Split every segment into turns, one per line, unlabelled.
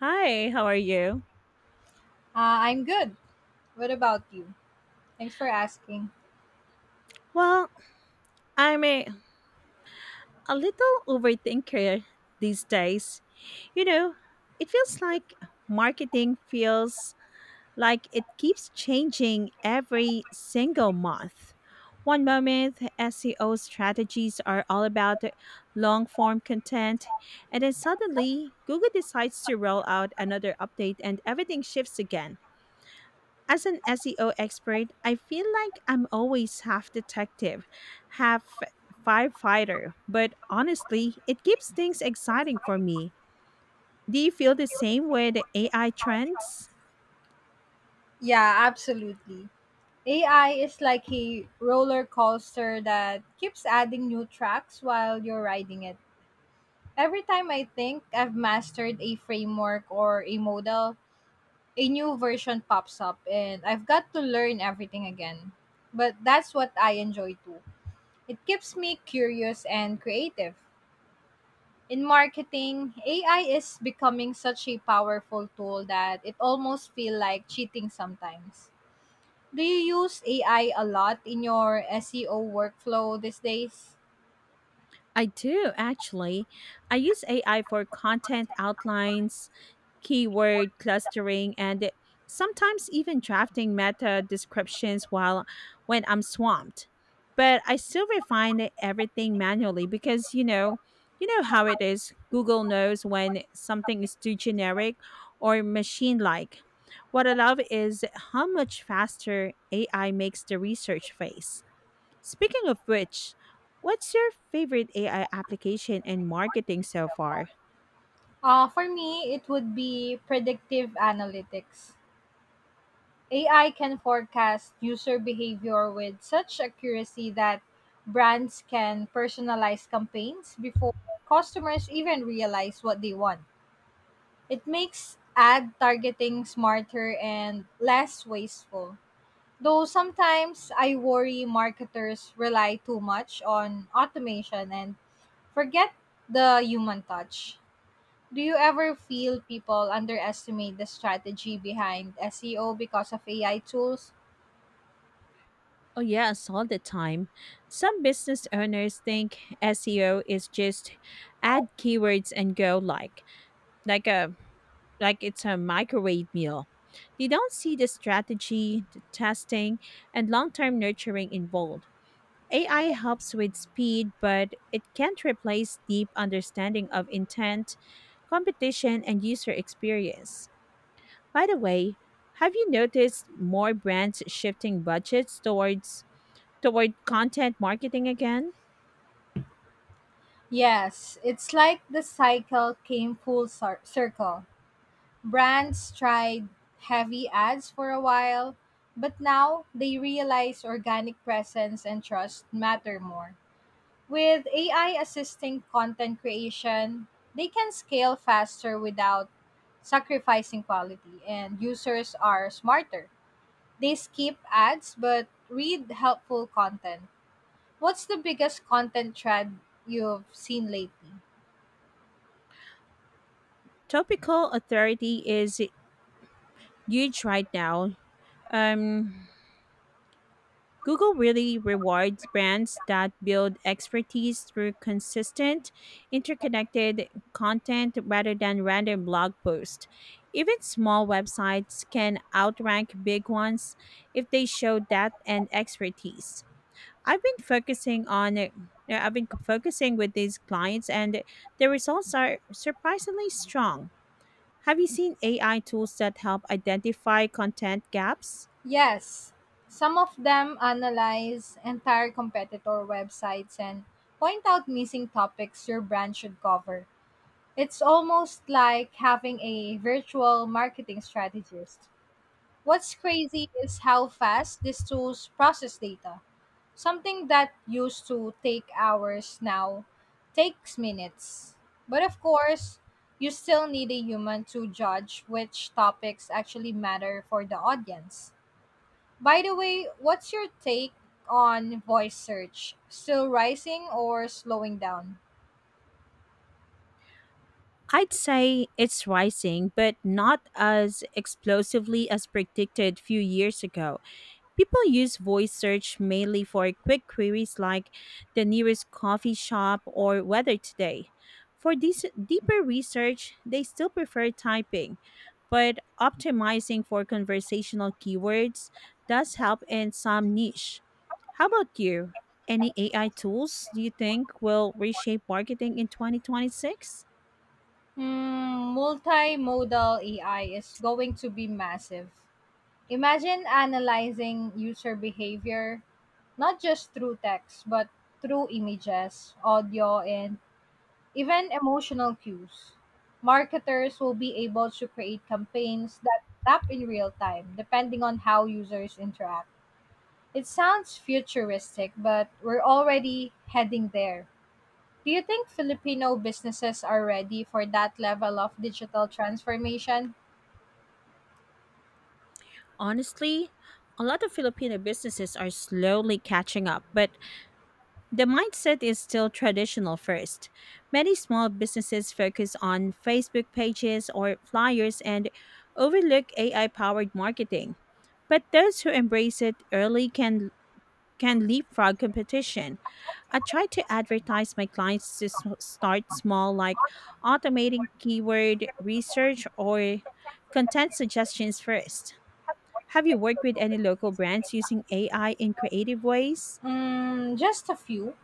Hi, how are you?
I'm good. What about you? Thanks for asking.
Well, I'm a little overthinker these days. You know, it feels like Marketing feels like it keeps changing every single month. One moment, SEO strategies are all about long form content, and then suddenly Google decides to roll out another update and everything shifts again. As an SEO expert, I feel like I'm always half detective, half firefighter, but honestly, it keeps things exciting for me. Do you feel the same with AI trends?
Yeah, absolutely. AI is like a roller coaster that keeps adding new tracks while you're riding it. Every time I think I've mastered a framework or a model, a new version pops up and I've got to learn everything again. But that's what I enjoy too. It keeps me curious and creative. In marketing, AI is becoming such a powerful tool that it almost feel like cheating sometimes. Do you use AI a lot in your SEO workflow these days?
I do, actually. I use AI for content outlines, keyword clustering, and sometimes even drafting meta descriptions while when I'm swamped. But I still refine everything manually because you know how it is. Google knows when something is too generic or machine-like. What I love is how much faster AI makes the research phase. Speaking of which, what's your favorite AI application in marketing so far?
For me, it would be predictive analytics. AI can forecast user behavior with such accuracy that brands can personalize campaigns before customers even realize what they want. It makes ad targeting smarter and less wasteful. Though sometimes I worry marketers rely too much on automation and forget the human touch. Do you ever feel people underestimate the strategy behind SEO because of AI tools?
Oh, yes, all the time. Some business owners think SEO is just add keywords and go like a like it's a microwave meal. They don't see the strategy, the testing, and long-term nurturing involved. AI helps with speed, but it can't replace deep understanding of intent, competition, and user experience. By the way, have you noticed more brands shifting budgets toward content marketing again.
Yes, it's like the cycle came full circle. Brands tried heavy ads for a while, but now they realize organic presence and trust matter more. With AI assisting content creation, they can scale faster without sacrificing quality, and users are smarter. They skip ads but read helpful content. What's the biggest content trend you've seen lately?
Topical authority is huge right now. Um, Google really rewards brands that build expertise through consistent, interconnected content rather than random blog posts. Even small websites can outrank big ones if they show depth and expertise. I've been focusing on uh, I've been focusing with these clients and the results are surprisingly strong. Have you seen AI tools that help identify content gaps?
Yes, some of them analyze entire competitor websites and point out missing topics your brand should cover. It's almost like having a virtual marketing strategist. What's crazy is how fast these tools process data. Something that used to take hours now takes minutes. But of course, you still need a human to judge which topics actually matter for the audience. By the way, what's your take on voice search? Still rising or slowing down?
I'd say it's rising, but not as explosively as predicted few years ago. People use voice search mainly for quick queries like the nearest coffee shop or weather today. For this deeper research, they still prefer typing, but optimizing for conversational keywords does help in some niche. How about you? Any AI tools do you think will reshape marketing in 2026?
Multimodal AI is going to be massive. Imagine analyzing user behavior not just through text, but through images, audio, and even emotional cues. Marketers will be able to create campaigns that tap in real time, depending on how users interact. It sounds futuristic, but we're already heading there. Do you think Filipino businesses are ready for that level of digital transformation?
Honestly, a lot of Filipino businesses are slowly catching up, but the mindset is still traditional first. Many small businesses focus on Facebook pages or flyers and overlook AI powered marketing. But those who embrace it early can leapfrog competition. I try to advertise my clients to start small, like automating keyword research or content suggestions first. Have you worked with any local brands using AI in creative ways?
Mm, just a few.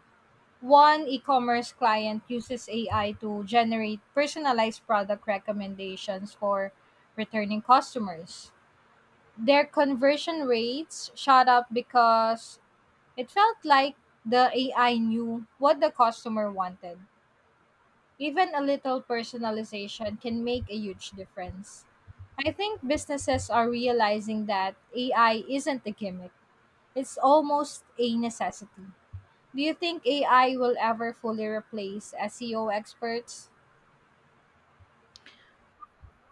One e commerce client uses AI to generate personalized product recommendations for returning customers. Their conversion rates shot up because it felt like the AI knew what the customer wanted. Even a little personalization can make a huge difference. I think businesses are realizing that AI isn't a gimmick, it's almost a necessity. Do you think AI will ever fully replace SEO experts?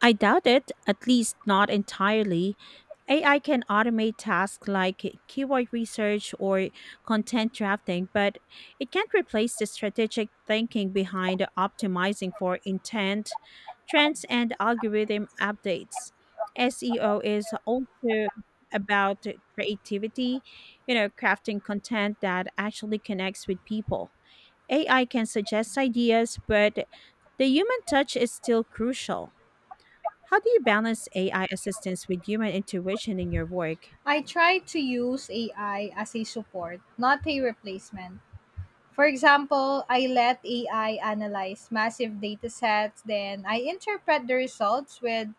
I doubt it, at least not entirely. AI can automate tasks like keyword research or content drafting, but it can't replace the strategic thinking behind optimizing for intent, trends, and algorithm updates. SEO is also about creativity, crafting content that actually connects with people. AI can suggest ideas, but the human touch is still crucial. How do you balance AI assistance with human intuition in your work?
I try to use AI as a support, not a replacement. For example, I let AI analyze massive data sets, then I interpret the results with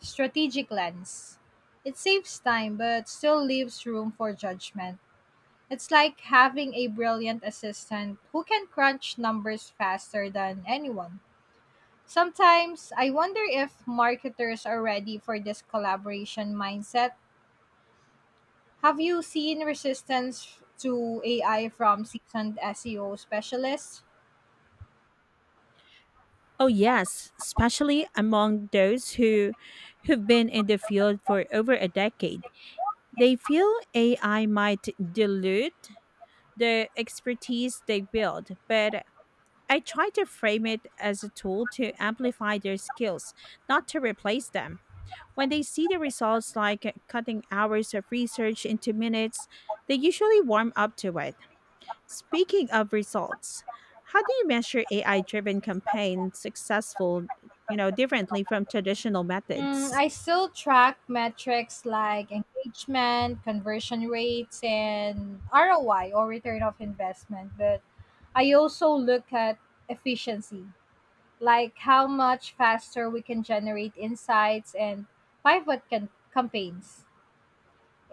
strategic lens. It saves time but still leaves room for judgment. It's like having a brilliant assistant who can crunch numbers faster than anyone. Sometimes I wonder if marketers are ready for this collaboration mindset. Have you seen resistance to AI from seasoned SEO specialists?
Oh yes, especially among those who've been in the field for over a decade. They feel AI might dilute the expertise they build, but I try to frame it as a tool to amplify their skills, not to replace them. When they see the results like cutting hours of research into minutes, they usually warm up to it. Speaking of results, how do you measure AI driven campaign successful, differently from traditional methods?
I still track metrics like engagement, conversion rates, and ROI or return of investment, but I also look at efficiency, like how much faster we can generate insights and pivot campaigns.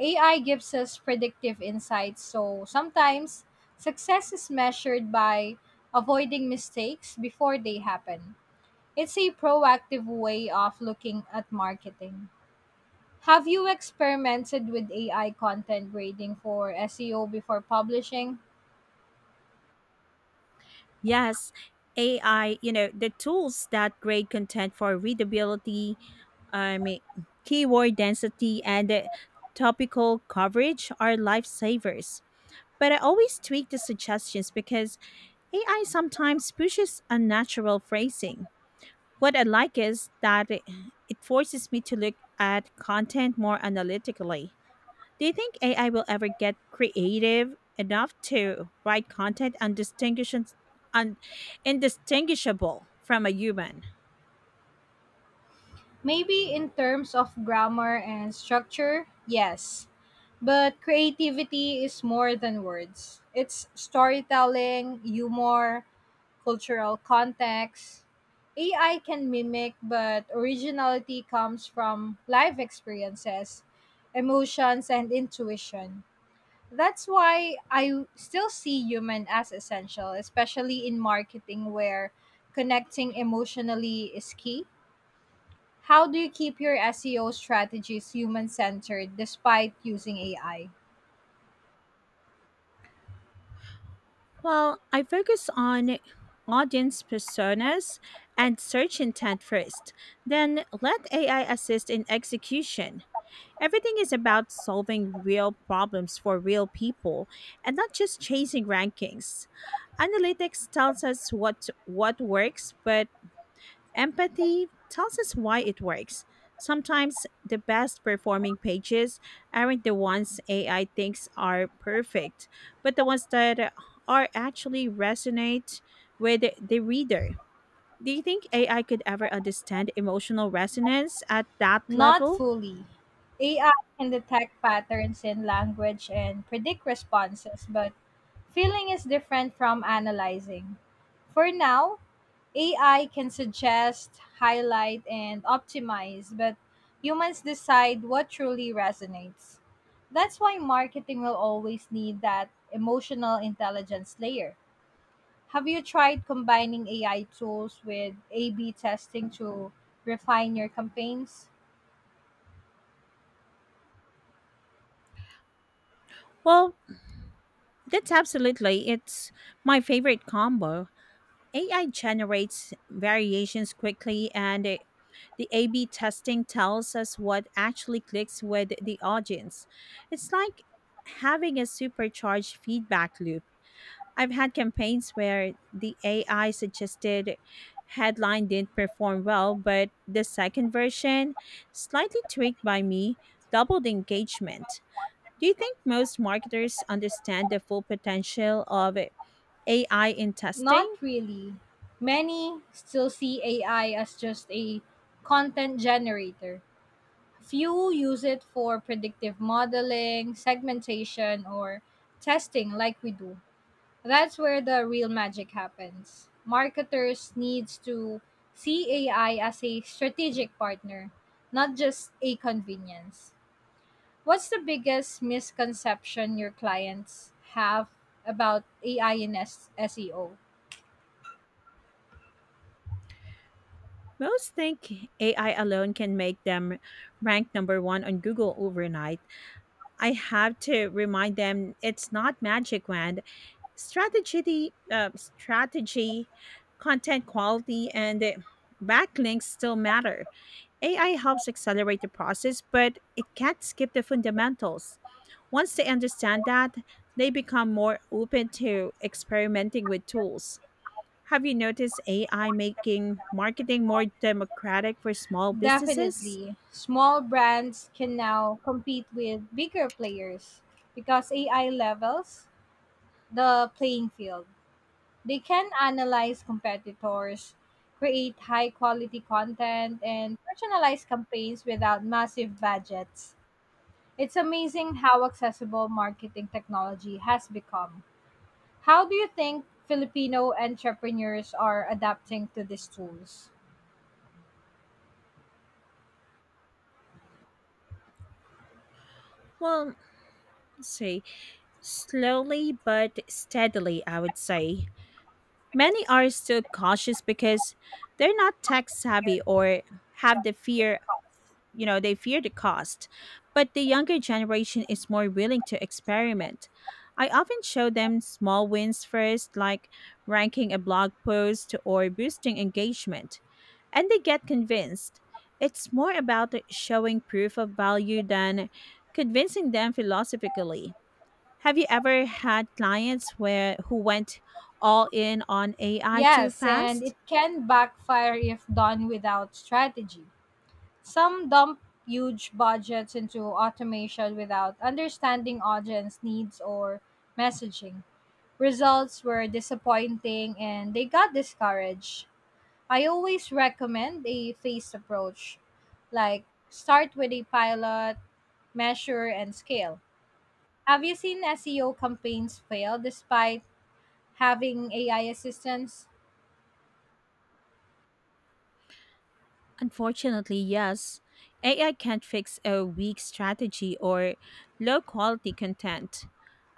AI gives us predictive insights, so sometimes success is measured by avoiding mistakes before they happen. It's a proactive way of looking at marketing. Have you experimented with AI content grading for SEO before publishing?
Yes, AI, the tools that grade content for readability, um, keyword density, and topical coverage are lifesavers. But I always tweak the suggestions because AI sometimes pushes unnatural phrasing. What I like is that it forces me to look at content more analytically. Do you think AI will ever get creative enough to write content un- indistinguishable from a human?
Maybe in terms of grammar and structure, yes. But creativity is more than words. It's storytelling, humor, cultural context. AI can mimic, but originality comes from life experiences, emotions, and intuition. That's why I still see human as essential, especially in marketing where connecting emotionally is key. How do you keep your SEO strategies human centered despite using AI?
Well, I focus on audience personas and search intent first, then let AI assist in execution. Everything is about solving real problems for real people and not just chasing rankings. Analytics tells us what works, but empathy tells us why it works. Sometimes the best performing pages aren't the ones AI thinks are perfect, but the ones that are actually resonate with the reader. Do you think AI could ever understand emotional resonance at that
Not
level?
fully. AI can detect patterns in language and predict responses, but feeling is different from analyzing. For now, AI can suggest, highlight, and optimize, but humans decide what truly resonates. That's why marketing will always need that emotional intelligence layer. Have you tried combining AI tools with A B testing to refine your campaigns?
Well, that's absolutely. It's my favorite combo. AI generates variations quickly and the A B testing tells us what actually clicks with the audience. It's like having a supercharged feedback loop. I've had campaigns where the AI suggested headline didn't perform well, but the second version, slightly tweaked by me, doubled engagement. Do you think most marketers understand the full potential of AI in
Not
testing?
really. Many still see AI as just a content generator. Few use it for predictive modeling, segmentation, or testing like we do. That's where the real magic happens. Marketers needs to see AI as a strategic partner, not just a convenience. What's the biggest misconception your clients have about AI in SEO?
Most think AI alone can make them rank number one on Google overnight. I have to remind them it's not magic wand. Strategy, content quality, and backlinks still matter. AI helps accelerate the process, but it can't skip the fundamentals. Once they understand that, they become more open to experimenting with tools. Have you noticed AI making marketing more democratic for small businesses?
Definitely. Small brands can now compete with bigger players because AI levels the playing field. They can analyze competitors, create high quality content, and personalize campaigns without massive budgets. It's amazing how accessible marketing technology has become. How do you think Filipino entrepreneurs are adapting to these tools?
Well, let's see. Slowly but steadily, I would say. Many are still cautious because they're not tech savvy or have the fear, they fear the cost. But the younger generation is more willing to experiment. I often show them small wins first, like ranking a blog post or boosting engagement, and they get convinced. It's more about showing proof of value than convincing them philosophically. Have you ever had clients where who went all in on AI too
Yes, and
fast?
it can backfire if done without strategy. Some dump huge budgets into automation without understanding audience needs or messaging. Results were disappointing and they got discouraged. I always recommend a phased approach, like start with a pilot, measure, and scale. Have you seen SEO campaigns fail despite having AI assistance
Unfortunately, yes. AI can't fix a weak strategy or low quality content.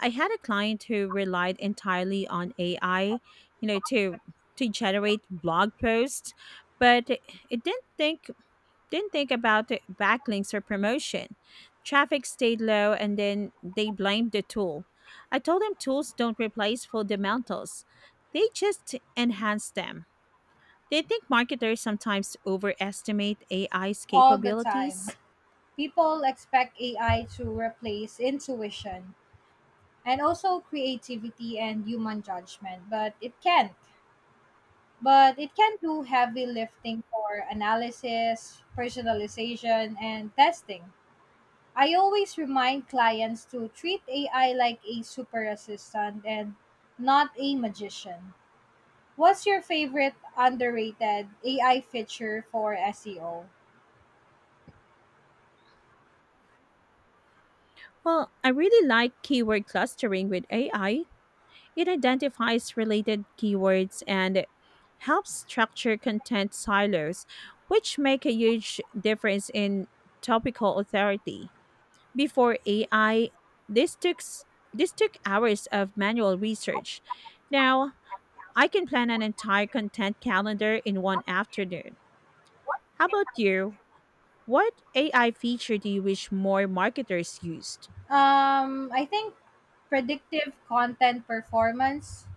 I had a client who relied entirely on AI, you know, to to generate blog posts, but it didn't think about the backlinks or promotion. Traffic stayed low and then they blamed the tool. I told them tools don't replace fundamentals, they just enhance them. Do you think marketers sometimes overestimate AI's
all the time?
capabilities?
People expect AI to replace intuition and also creativity and human judgment, but it can. But it can do heavy lifting for analysis, personalization, and testing. I always remind clients to treat AI like a super assistant and not a magician. What's your favorite underrated AI feature for SEO?
Well, I really like keyword clustering with AI. It identifies related keywords and helps structure content silos, which make a huge difference in topical authority. Before AI, this took s- this took hours of manual research. Now, I can plan an entire content calendar in one afternoon. How about you? What AI feature do you wish more marketers used?
I think predictive content performance.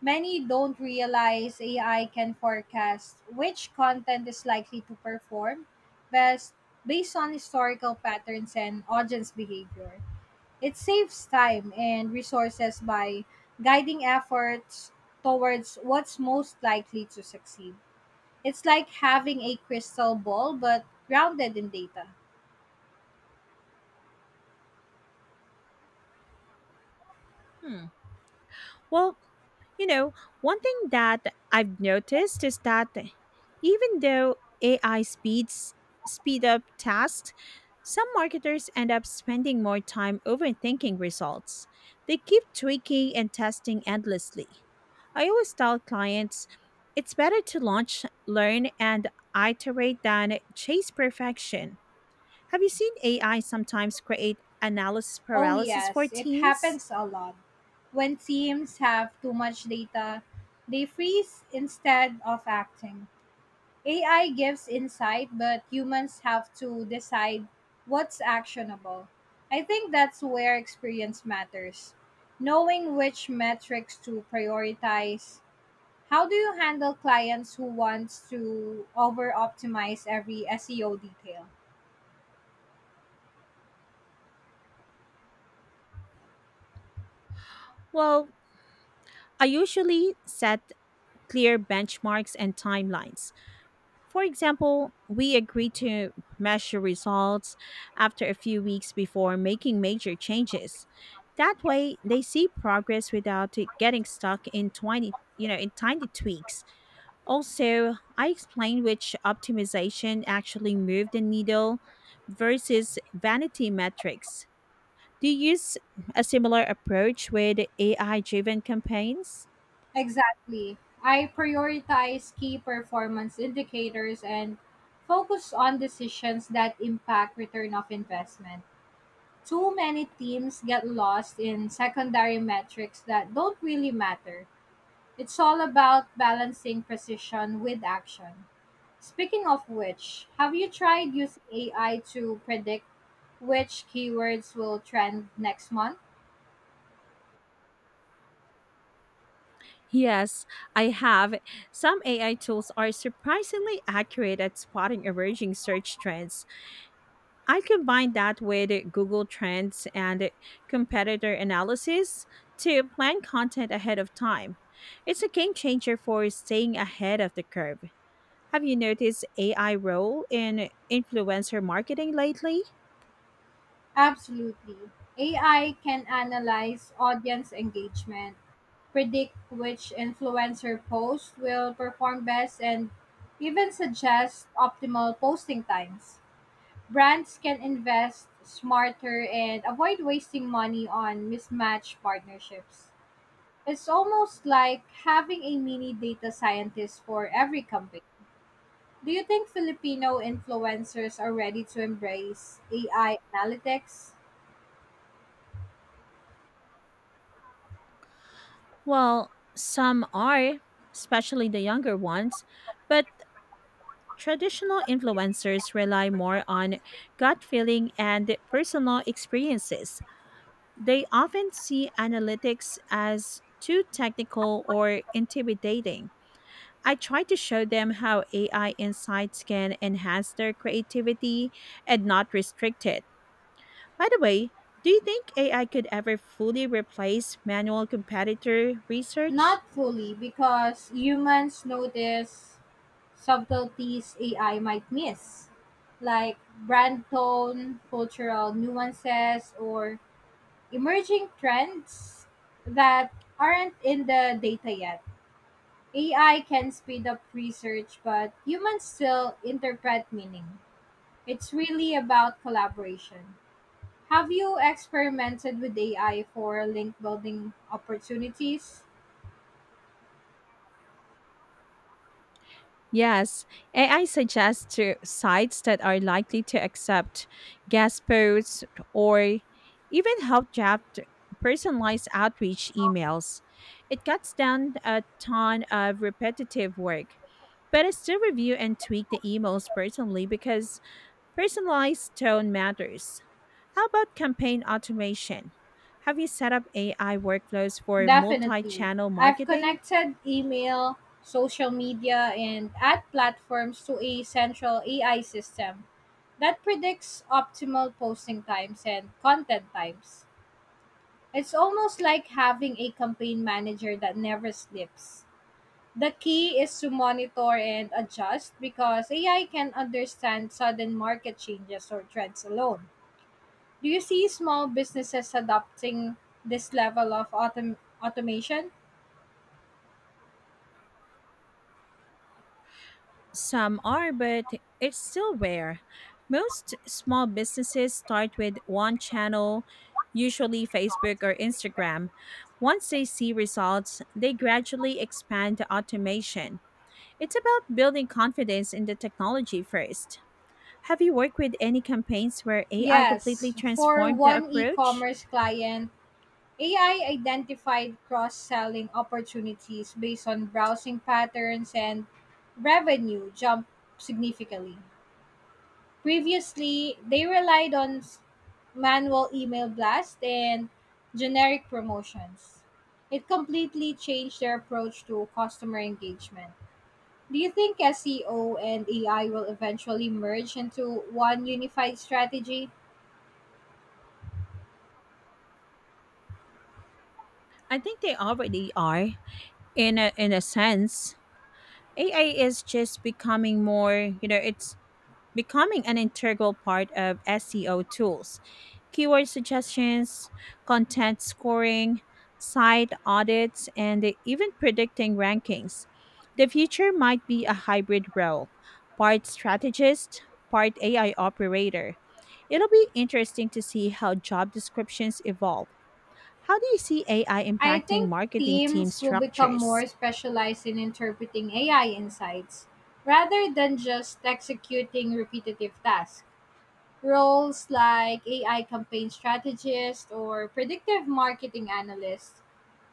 Many don't realize AI can forecast which content is likely to perform best based on historical patterns and audience behavior. It saves time and resources by guiding efforts towards what's most likely to succeed. It's like having a crystal ball but grounded in data.
Hmm. Well, You know, one thing that I've noticed is that even though AI speed up tasks, some marketers end up spending more time overthinking results. They keep tweaking and testing endlessly. I always tell clients it's better to launch, learn, and iterate than chase perfection. Have you seen AI sometimes create analysis
Oh,
paralysis for
yes, it
teams?
happens a lot. When teams have too much data, they freeze instead of acting. AI gives insight, but humans have to decide what's actionable. I think that's where experience matters. Knowing which metrics to prioritize. How do you handle clients who want to over optimize every SEO detail?
Well, I usually set clear benchmarks and timelines. For example, we agreed to measure results after a few weeks before making major changes. That way, they see progress without it getting stuck in 20, in tiny tweaks. Also, I explained which optimization actually moved the needle versus vanity metrics. Do you use a similar approach with AI driven campaigns?
Exactly. I prioritize key performance indicators and focus on decisions that impact return of investment. Too many teams get lost in secondary metrics that don't really matter. It's all about balancing precision with action. Speaking of which, have you tried using AI to predict which keywords will trend next month?
Yes, I have. Some AI tools are surprisingly accurate at spotting emerging search trends. I combine that with Google Trends and competitor analysis to plan content ahead of time. It's a game changer for staying ahead of the curve. Have you noticed AI role in influencer marketing lately?
Absolutely. AI can analyze audience engagement, predict which influencer post will perform best, and even suggest optimal posting times. Brands can invest smarter and avoid wasting money on mismatched partnerships. It's almost like having a mini data scientist for every company. Do you think Filipino influencers are ready to embrace AI analytics?
Well, some are, especially the younger ones, but traditional influencers rely more on gut feeling and personal experiences. They often see analytics as too technical or intimidating. I try to show them how AI insights can enhance their creativity and not restrict it. By the way, do you think AI could ever fully replace manual competitor research?
Not fully, because humans notice subtleties AI might miss, like brand tone, cultural nuances, or emerging trends that aren't in the data yet. AI can speed up research, but humans still interpret meaning. It's really about collaboration. Have you experimented with AI for link building opportunities?
Yes, AI suggests to sites that are likely to accept guest posts or even help draft personalized outreach emails. It cuts down a ton of repetitive work, but I still review and tweak the emails personally because personalized tone matters. How about campaign automation? Have you set up AI workflows for multi
Definitely.
channel
I've
marketing?
connected email, social media, and ad platforms to a central AI system that predicts optimal posting times and content types. It's almost like having a campaign manager that never sleeps. The key is to monitor and adjust because AI can understand sudden market changes or trends alone. Do you see small businesses adopting this level of automation?
Some are, but it's still rare. Most small businesses start with one channel, usually Facebook or Instagram. Once they see results, they gradually expand to automation. It's about building confidence in the technology first. Have you worked with any campaigns where AI completely
Yes, for
transformed the
one e
approach?
commerce client, AI identified cross selling opportunities based on browsing patterns and revenue jumped significantly. Previously, they relied on manual email blast and generic promotions. It completely changed their approach to customer engagement. Do you think SEO and AI will eventually merge into one unified strategy?
I think they already are in a sense. AI is just becoming more, it's becoming an integral part of SEO tools. Keyword suggestions, content scoring, site audits, and even predicting rankings. The future might be a hybrid role, part strategist, part AI operator. It'll be interesting to see how job descriptions evolve. How do you see AI
I
impacting
think
marketing team
teams will become
structures?
more specialized in interpreting AI insights rather than just executing repetitive tasks. Roles like AI campaign strategist or predictive marketing analyst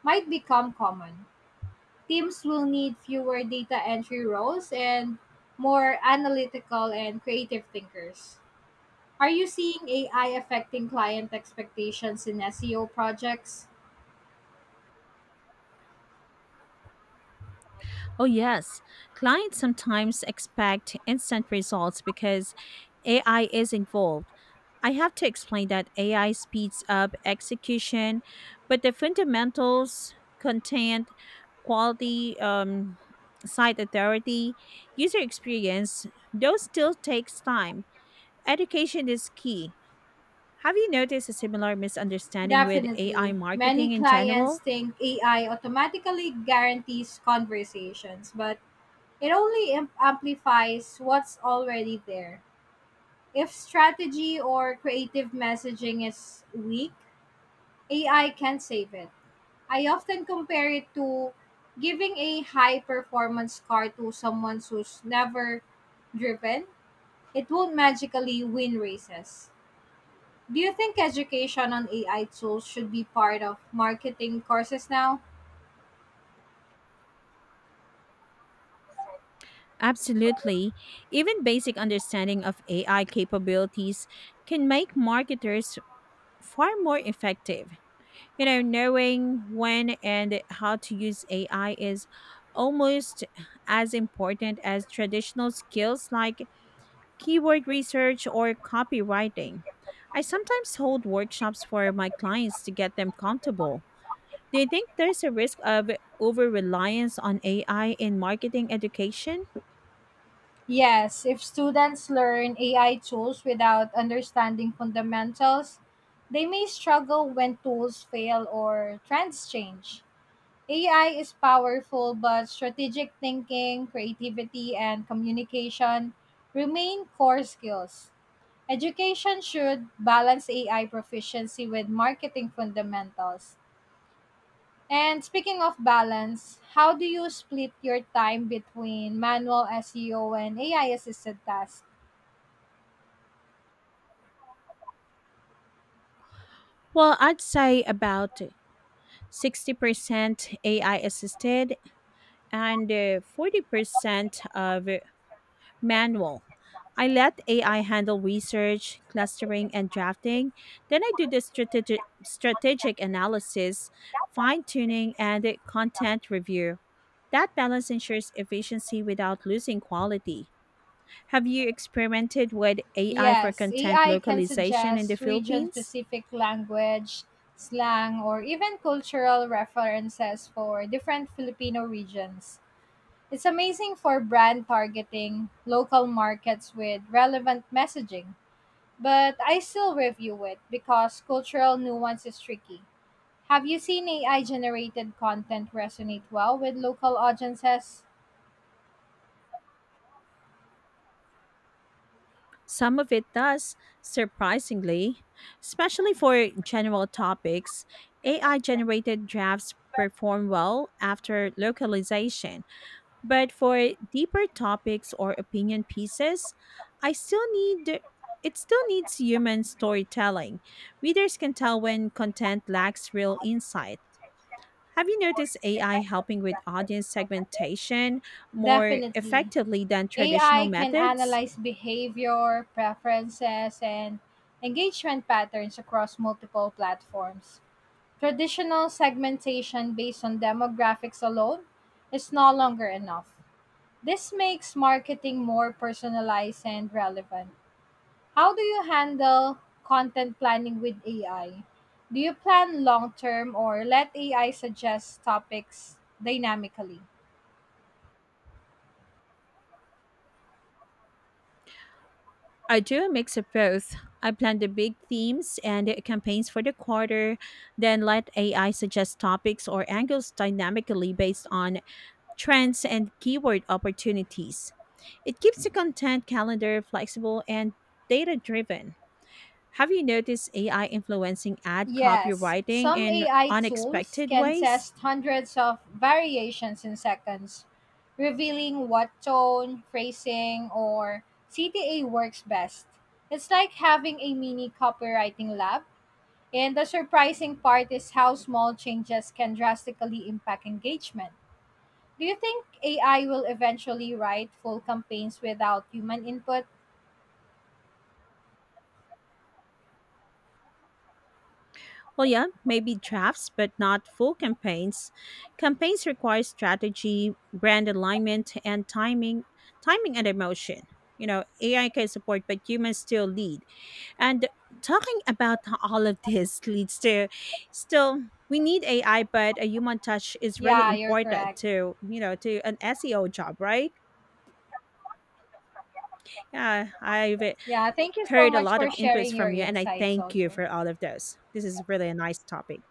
might become common. Teams will need fewer data entry roles and more analytical and creative thinkers. Are you seeing AI affecting client expectations in SEO projects?
Oh, yes. Clients sometimes expect instant results because AI is involved. I have to explain that AI speeds up execution, but the fundamentals, content, quality, site authority, user experience, those still takes time. Education is key. Have you noticed a similar misunderstanding with AI
Definitely. Many
marketing in
clients
general?
think AI automatically guarantees conversations, but it only amplifies what's already there. If strategy or creative messaging is weak, AI can save it. I often compare it to giving a high performance car to someone who's never driven. It won't magically win races. Do you think education on AI tools should be part of marketing courses now?
Absolutely. Even basic understanding of AI capabilities can make marketers far more effective. Knowing when and how to use AI is almost as important as traditional skills like keyword research, or copywriting. I sometimes hold workshops for my clients to get them comfortable. Do you think there's a risk of over reliance on AI in marketing education?
Yes, if students learn AI tools without understanding fundamentals, they may struggle when tools fail or trends change. AI is powerful, but strategic thinking, creativity, and communication remain core skills. Education should balance AI proficiency with marketing fundamentals. And speaking of balance, how do you split your time between manual SEO and AI assisted tasks?
Well, I'd say about 60% AI assisted and 40% of manual. I let AI handle research, clustering, and drafting. Then I do the strategic analysis, fine tuning, and the content review. That balance ensures efficiency without losing quality. Have you experimented with AI for
Yes,
content
AI can
localization in the
suggest region
Philippines?
specific language, slang, or even cultural references for different Filipino regions. It's amazing for brand targeting local markets with relevant messaging, but I still review it because cultural nuance is tricky. Have you seen AI generated content resonate well with local audiences?
Some of it does, surprisingly, especially for general topics. AI generated drafts perform well after localization. But for deeper topics or opinion pieces, I still need it still needs human storytelling. Readers can tell when content lacks real insight. Have you noticed AI helping with audience segmentation more
Definitely.
effectively than traditional
AI can
methods?
analyze behavior, preferences, and engagement patterns across multiple platforms. Traditional segmentation based on demographics alone is no longer enough. This makes marketing more personalized and relevant. How do you handle content planning with AI? Do you plan long term or let AI suggest topics dynamically?
I do a mix of both. I plan the big themes and the campaigns for the quarter, then let AI suggest topics or angles dynamically based on trends and keyword opportunities. It keeps the content calendar flexible and data driven. Have you noticed AI influencing ad
Yes,
copywriting
some
in
AI tools
unexpected
can
ways?
test hundreds of variations in seconds, revealing what tone, phrasing, or CTA works best. It's like having a mini copywriting lab, and the surprising part is how small changes can drastically impact engagement. Do you think AI will eventually write full campaigns without human input?
Well, yeah, maybe drafts, but not full campaigns. Campaigns require strategy, brand alignment, and timing and emotion. AI can support, but humans still lead. And talking about all of this leads to still we need AI, but a human touch is really
Yeah, you're
important
correct.
to you know to an SEO job, right? Yeah, I've
Yeah, thank you so
heard a
much
lot
for
of inputs
sharing your
from you, and I
insights
thank you
also.
for all of those. This is really a nice topic.